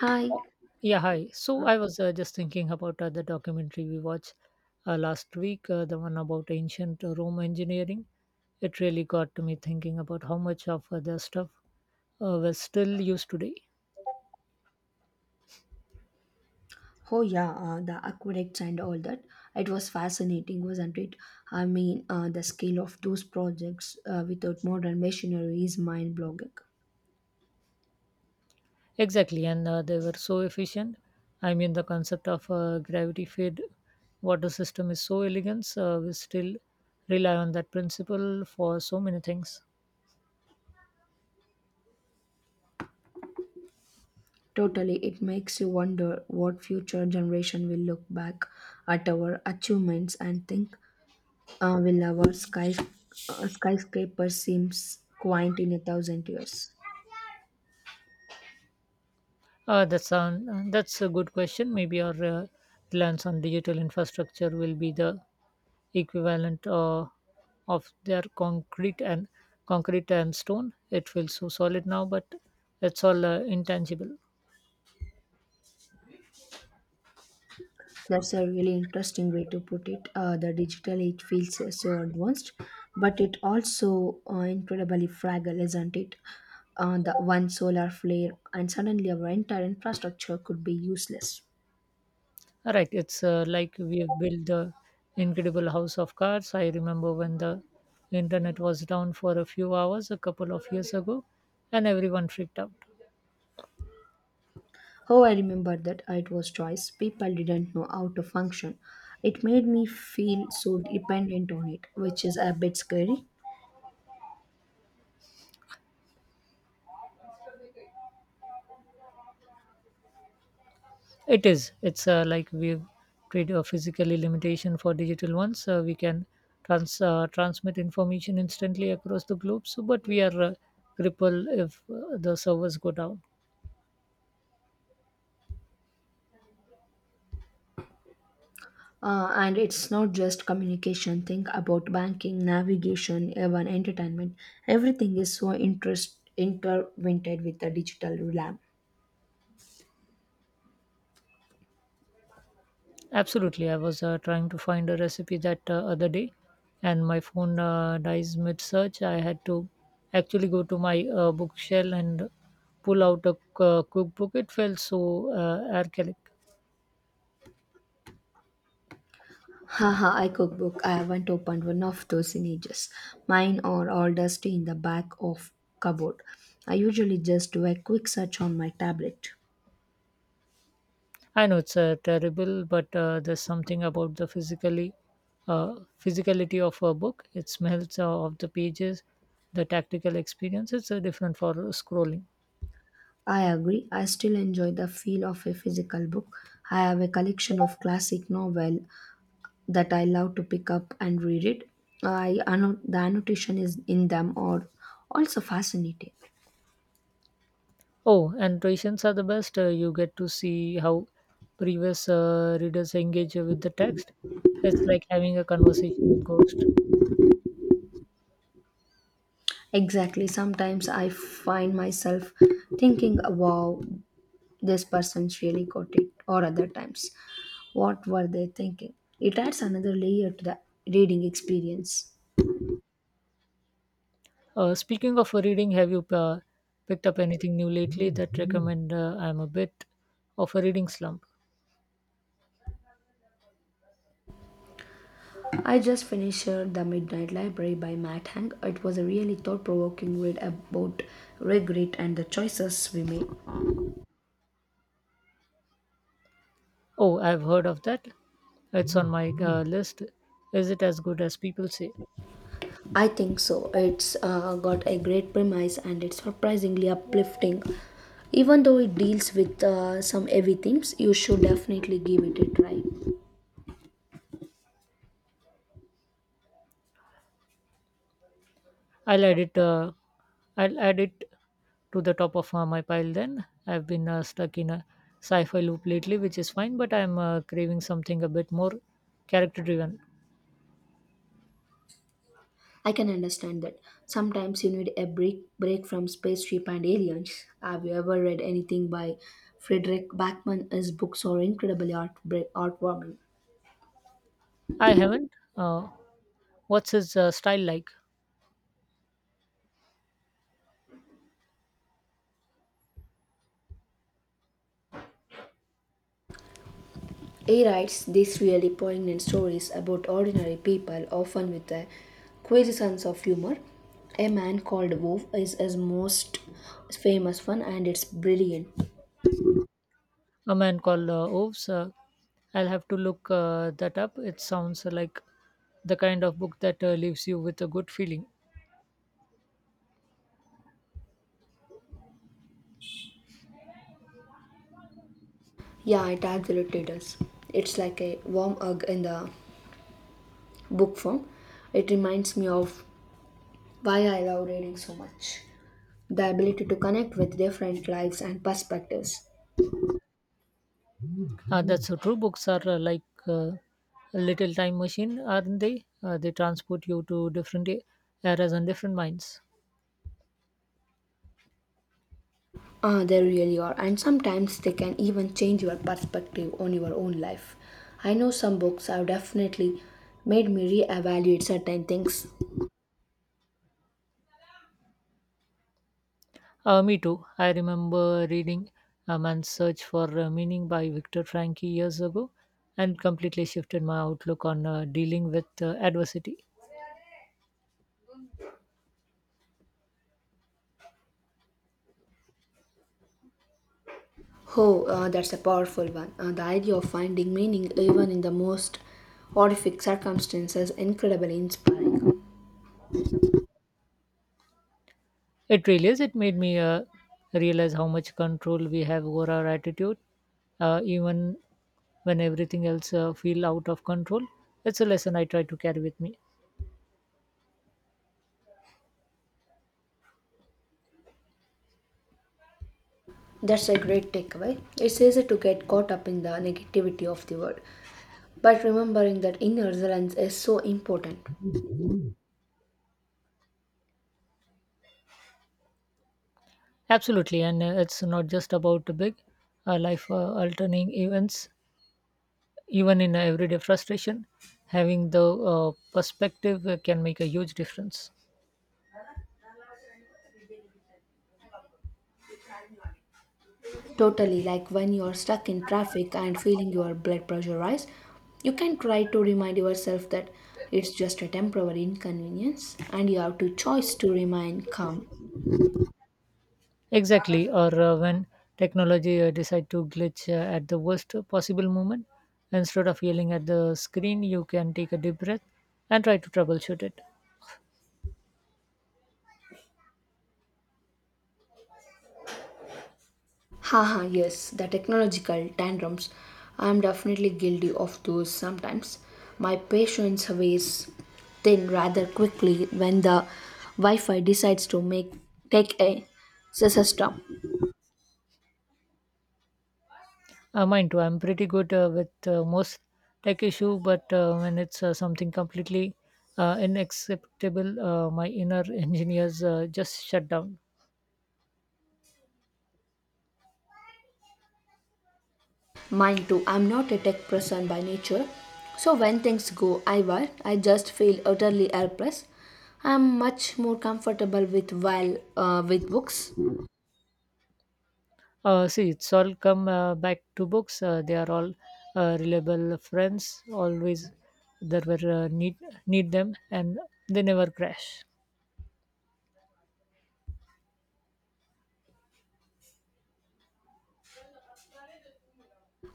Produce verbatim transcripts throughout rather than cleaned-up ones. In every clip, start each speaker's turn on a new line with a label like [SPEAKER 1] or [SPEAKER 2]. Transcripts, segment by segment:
[SPEAKER 1] Hi.
[SPEAKER 2] Yeah, hi. So I was uh, just thinking about uh, the documentary we watched uh, last week, uh, the one about ancient uh, Rome engineering. It really got to me thinking about how much of uh, their stuff uh, was still used today.
[SPEAKER 1] Oh yeah, uh, the aqueducts and all that. It was fascinating, wasn't it? I mean, uh, the scale of those projects uh, without modern machinery is mind-boggling.
[SPEAKER 2] Exactly, and uh, they were so efficient. I mean, the concept of uh, gravity fed water system is so elegant. Uh, we still rely on that principle for so many things.
[SPEAKER 1] Totally, it makes you wonder what future generation will look back at our achievements and think, uh, will our sky uh, skyscrapers seems quaint in a thousand years?
[SPEAKER 2] Uh, that's, an, that's a good question. Maybe our uh, reliance on digital infrastructure will be the equivalent uh, of their concrete and concrete and stone. It feels so solid now, but it's all uh, intangible.
[SPEAKER 1] That's a really interesting way to put it. Uh, the digital age feels uh, so advanced, but it also uh, incredibly fragile, isn't it? Uh, the one solar flare, and suddenly our entire infrastructure could be useless.
[SPEAKER 2] All right, it's uh, like we've built the incredible house of cards. I remember when the internet was down for a few hours a couple of years ago, and everyone freaked out.
[SPEAKER 1] Oh, I remember that it was choice. People didn't know how to function. It made me feel so dependent on it, which is a bit scary.
[SPEAKER 2] It is. It's uh, like we've traded a physically limitation for digital ones. Uh, we can trans uh, transmit information instantly across the globe. So, but we are uh, crippled if uh, the servers go down.
[SPEAKER 1] Uh, and it's not just communication. Think about banking, navigation, even entertainment. Everything is so interest intertwined with the digital realm.
[SPEAKER 2] Absolutely. I was uh, trying to find a recipe that uh, other day, and my phone uh, dies mid-search. I had to actually go to my uh, bookshelf and pull out a c- uh, cookbook. It felt so uh, archaic.
[SPEAKER 1] Haha, I cookbook. I haven't opened one of those in ages. Mine are all dusty in the back of cupboard. I usually just do a quick search on my tablet.
[SPEAKER 2] I know it's uh, terrible, but uh, there's something about the physically uh, physicality of a book. It smells uh, of the pages, the tactical experience. It's uh, different for scrolling.
[SPEAKER 1] I agree. I still enjoy the feel of a physical book. I have a collection of classic novel that I love to pick up and read it. I anno- the annotation is in them are also fascinating.
[SPEAKER 2] Oh, and patients are the best. Uh, you get to see how previous uh, readers engage with the text. It's like having a conversation with ghost.
[SPEAKER 1] Exactly. Sometimes I find myself thinking, "Wow, this person's really got it." Or other times, what were they thinking? It adds another layer to the reading experience.
[SPEAKER 2] Uh, speaking of reading, have you uh, picked up anything new lately that recommend? Uh, I'm a bit of a reading slump.
[SPEAKER 1] I just finished uh, The Midnight Library by Matt Hank. It was a really thought provoking read about regret and the choices we make.
[SPEAKER 2] Oh, I've heard of that. It's on my uh, list. Is it as good as people say?
[SPEAKER 1] I think so. It's uh, got a great premise and it's surprisingly uplifting. Even though it deals with uh, some heavy themes, you should definitely give it a try.
[SPEAKER 2] I'll add it. Uh, I'll add it to the top of uh, my pile. Then I've been uh, stuck in a sci-fi loop lately, which is fine. But I'm uh, craving something a bit more character-driven.
[SPEAKER 1] I can understand that. Sometimes you need a break, break from spaceship and aliens. Have you ever read anything by Frederick Backman? His books are incredibly art, heartwarming.
[SPEAKER 2] I haven't. Uh, what's his uh, style like?
[SPEAKER 1] He writes these really poignant stories about ordinary people, often with a queer sense of humor. A Man Called Wolf is his most famous one, and it's brilliant.
[SPEAKER 2] A man called uh, Oves. Uh, I'll have to look uh, that up. It sounds like the kind of book that uh, leaves you with a good feeling.
[SPEAKER 1] Yeah, it absolutely does. It's like a warm hug in the book form. It reminds me of why I love reading so much the ability to connect with different lives and perspectives.
[SPEAKER 2] Uh, that's so true. Books are uh, like uh, a little time machine, aren't they? Uh, they transport you to different e- eras and different minds.
[SPEAKER 1] Ah, they really are, and sometimes they can even change your perspective on your own life. I know some books have definitely made me reevaluate certain things.
[SPEAKER 2] Uh, me too. I remember reading A Man's Search for uh, Meaning by Viktor Frankl years ago and completely shifted my outlook on uh, dealing with uh, adversity.
[SPEAKER 1] Oh, uh, that's a powerful one. Uh, the idea of finding meaning even in the most horrific circumstances incredibly inspiring.
[SPEAKER 2] It really is. It made me uh, realize how much control we have over our attitude, uh, even when everything else uh, feel out of control. It's a lesson I try to carry with me.
[SPEAKER 1] That's a great takeaway. It's easy to get caught up in the negativity of the world, but remembering that inner resilience is so important.
[SPEAKER 2] Absolutely, and uh, it's not just about the big uh, life uh, altering events. Even in uh, everyday frustration, having the uh, perspective uh, can make a huge difference.
[SPEAKER 1] Totally, like when you're stuck in traffic and feeling your blood pressure rise, you can try to remind yourself that it's just a temporary inconvenience and you have to choice to remain calm.
[SPEAKER 2] Exactly, or uh, when technology uh, decide to glitch uh, at the worst possible moment, instead of yelling at the screen, you can take a deep breath and try to troubleshoot it.
[SPEAKER 1] Haha, yes, the technological tantrums. I'm definitely guilty of those sometimes. My patience ways thin rather quickly when the Wi Fi decides to make take a sister
[SPEAKER 2] Uh, mine too. I'm pretty good uh, with uh, most tech issue, but uh, when it's uh, something completely uh, unacceptable, uh, my inner engineers uh, just shut down.
[SPEAKER 1] Mine too. I'm not a tech person by nature. So when things go awry, I just feel utterly helpless. I'm much more comfortable with while uh, with books,
[SPEAKER 2] Uh, see, it's all come uh, back to books. Uh, they are all uh, reliable friends, always there were uh, need need them, and they never crash.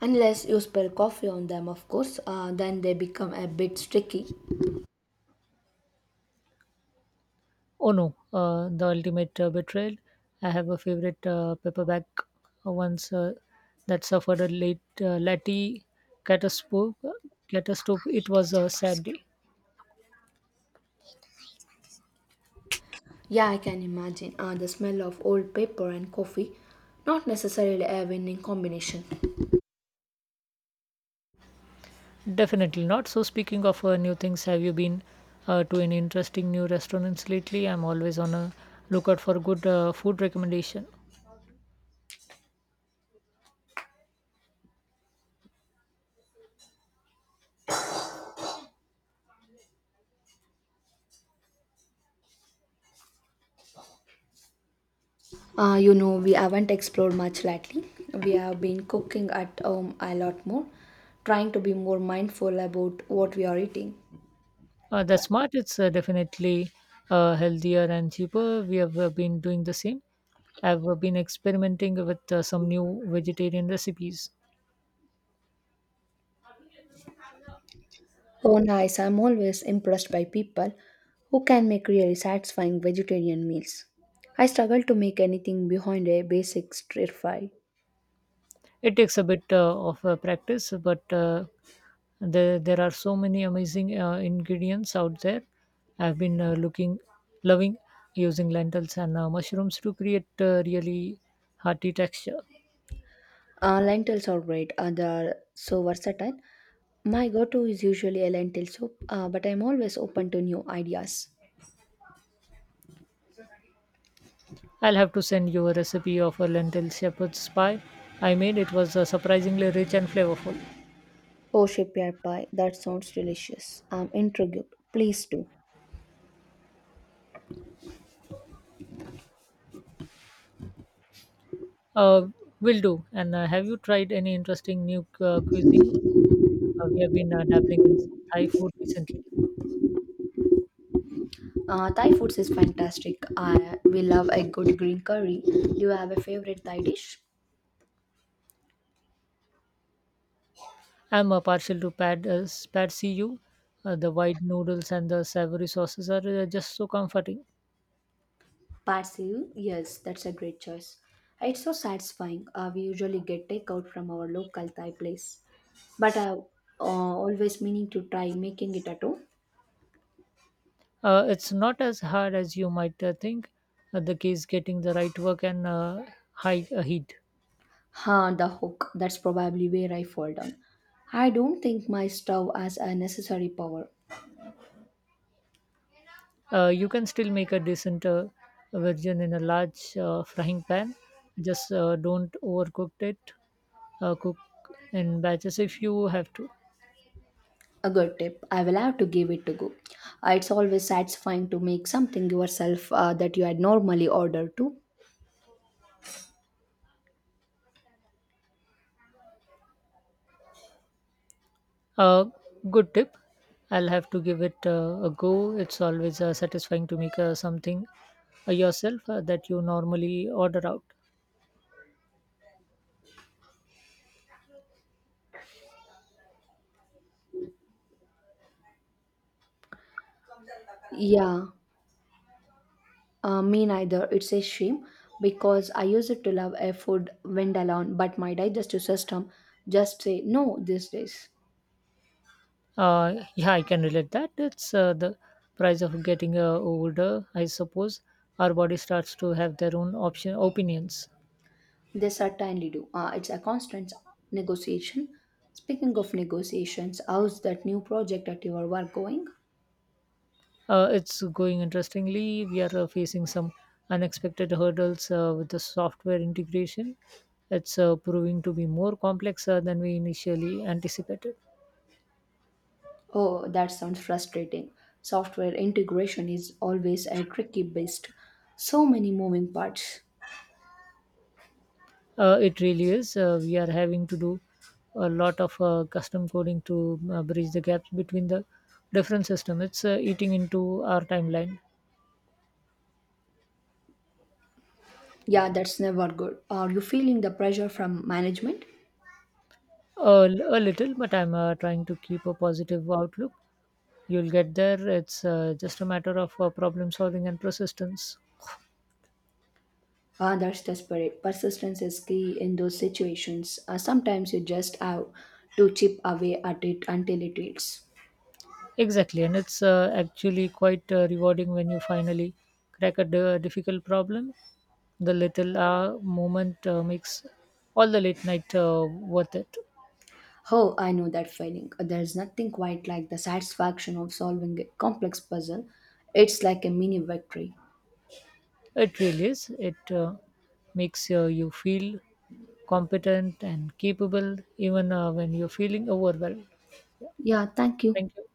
[SPEAKER 1] unless you spill coffee on them, of course. Uh, then they become a bit sticky.
[SPEAKER 2] Oh no, uh, The Ultimate uh, Betrayal. I have a favorite uh, paperback uh, once uh, that suffered a late uh, Latte catastrophe. Catastrophe. It was a sad day.
[SPEAKER 1] Yeah, I can imagine uh, the smell of old paper and coffee. Not necessarily a winning combination.
[SPEAKER 2] Definitely not. So speaking of uh, new things, have you been uh, to any interesting new restaurants lately? I'm always on a lookout for good uh, food recommendation.
[SPEAKER 1] Uh, you know, we haven't explored much lately. We have been cooking at home a lot more, trying to be more mindful about what we are eating.
[SPEAKER 2] Uh, that's smart. It's uh, definitely uh, healthier and cheaper. We have uh, been doing the same. I've uh, been experimenting with uh, some new vegetarian recipes.
[SPEAKER 1] Oh, nice. I'm always impressed by people who can make really satisfying vegetarian meals. I struggle to make anything behind a basic stir fry.
[SPEAKER 2] It takes a bit uh, of uh, practice, but uh, there there are so many amazing uh, ingredients out there. I've been uh, looking, loving using lentils and uh, mushrooms to create uh, really hearty texture.
[SPEAKER 1] Uh, lentils are great, uh, they are so versatile. My go to is usually a lentil soup, uh, but I'm always open to new ideas.
[SPEAKER 2] I'll have to send you a recipe of a lentil shepherd's pie I made. It was uh, surprisingly rich and flavorful.
[SPEAKER 1] Oh, shepherd pie, that sounds delicious. I'm intrigued. Please do.
[SPEAKER 2] Uh, will do. And uh, have you tried any interesting new uh, cuisines? Uh, we have been uh, dabbling in some Thai food recently.
[SPEAKER 1] Uh, Thai foods is fantastic. I we love a good green curry. Do you have a favorite Thai dish?
[SPEAKER 2] I'm uh, partial to pad uh, s- pad see you. Uh, the white noodles and the savory sauces are uh, just so comforting.
[SPEAKER 1] Pad Siu. Yes, that's a great choice. It's so satisfying. Uh, we usually get takeout from our local Thai place, but I uh, always meaning to try making it at home.
[SPEAKER 2] Uh, it's not as hard as you might uh, think. Uh, the key is getting the right work and uh, high uh, heat.
[SPEAKER 1] Huh, the hook. That's probably where I fall down. I don't think my stove has a necessary power.
[SPEAKER 2] Uh, you can still make a decent uh, version in a large uh, frying pan. Just uh, don't overcook it. Uh, cook in batches if you have to.
[SPEAKER 1] A good tip. I will have to give it a go. Uh, it's always satisfying to make something yourself uh, that you had normally ordered to.
[SPEAKER 2] Uh, good tip. I'll have to give it uh, a go. It's always uh, satisfying to make uh, something uh, yourself uh, that you normally order out.
[SPEAKER 1] Yeah, uh, me neither. It's a shame because I used to love a food when alone, but my digestive system just say no these days.
[SPEAKER 2] Uh, yeah, I can relate that. It's uh, the price of getting uh, older, I suppose. Our body starts to have their own option opinions.
[SPEAKER 1] They certainly do. Uh, it's a constant negotiation. Speaking of negotiations, how's that new project at your work going?
[SPEAKER 2] Uh, it's going interestingly. We are uh, facing some unexpected hurdles uh, with the software integration. It's uh, proving to be more complex uh, than we initially anticipated.
[SPEAKER 1] Oh, that sounds frustrating. Software integration is always a tricky beast. So many moving parts.
[SPEAKER 2] Uh, it really is. Uh, we are having to do a lot of uh, custom coding to uh, bridge the gaps between the different systems. It's uh, eating into our timeline
[SPEAKER 1] Yeah, that's never good. Are you feeling the pressure from management?
[SPEAKER 2] a, l- a little, but I'm uh, trying to keep a positive outlook. You'll get there. It's uh, just a matter of uh, problem solving and persistence.
[SPEAKER 1] Ah, that's desperate. Persistence is key in those situations. Uh, sometimes you just have to chip away at it until it eats.
[SPEAKER 2] Exactly, and it's uh, actually quite uh, rewarding when you finally crack a di- difficult problem. The little uh, moment uh, makes all the late night uh, worth it.
[SPEAKER 1] Oh, I know that feeling. There's nothing quite like the satisfaction of solving a complex puzzle. It's like a mini victory.
[SPEAKER 2] It really is. It uh, makes uh, you feel competent and capable even uh, when you're feeling overwhelmed.
[SPEAKER 1] Yeah, thank you.
[SPEAKER 2] Thank you.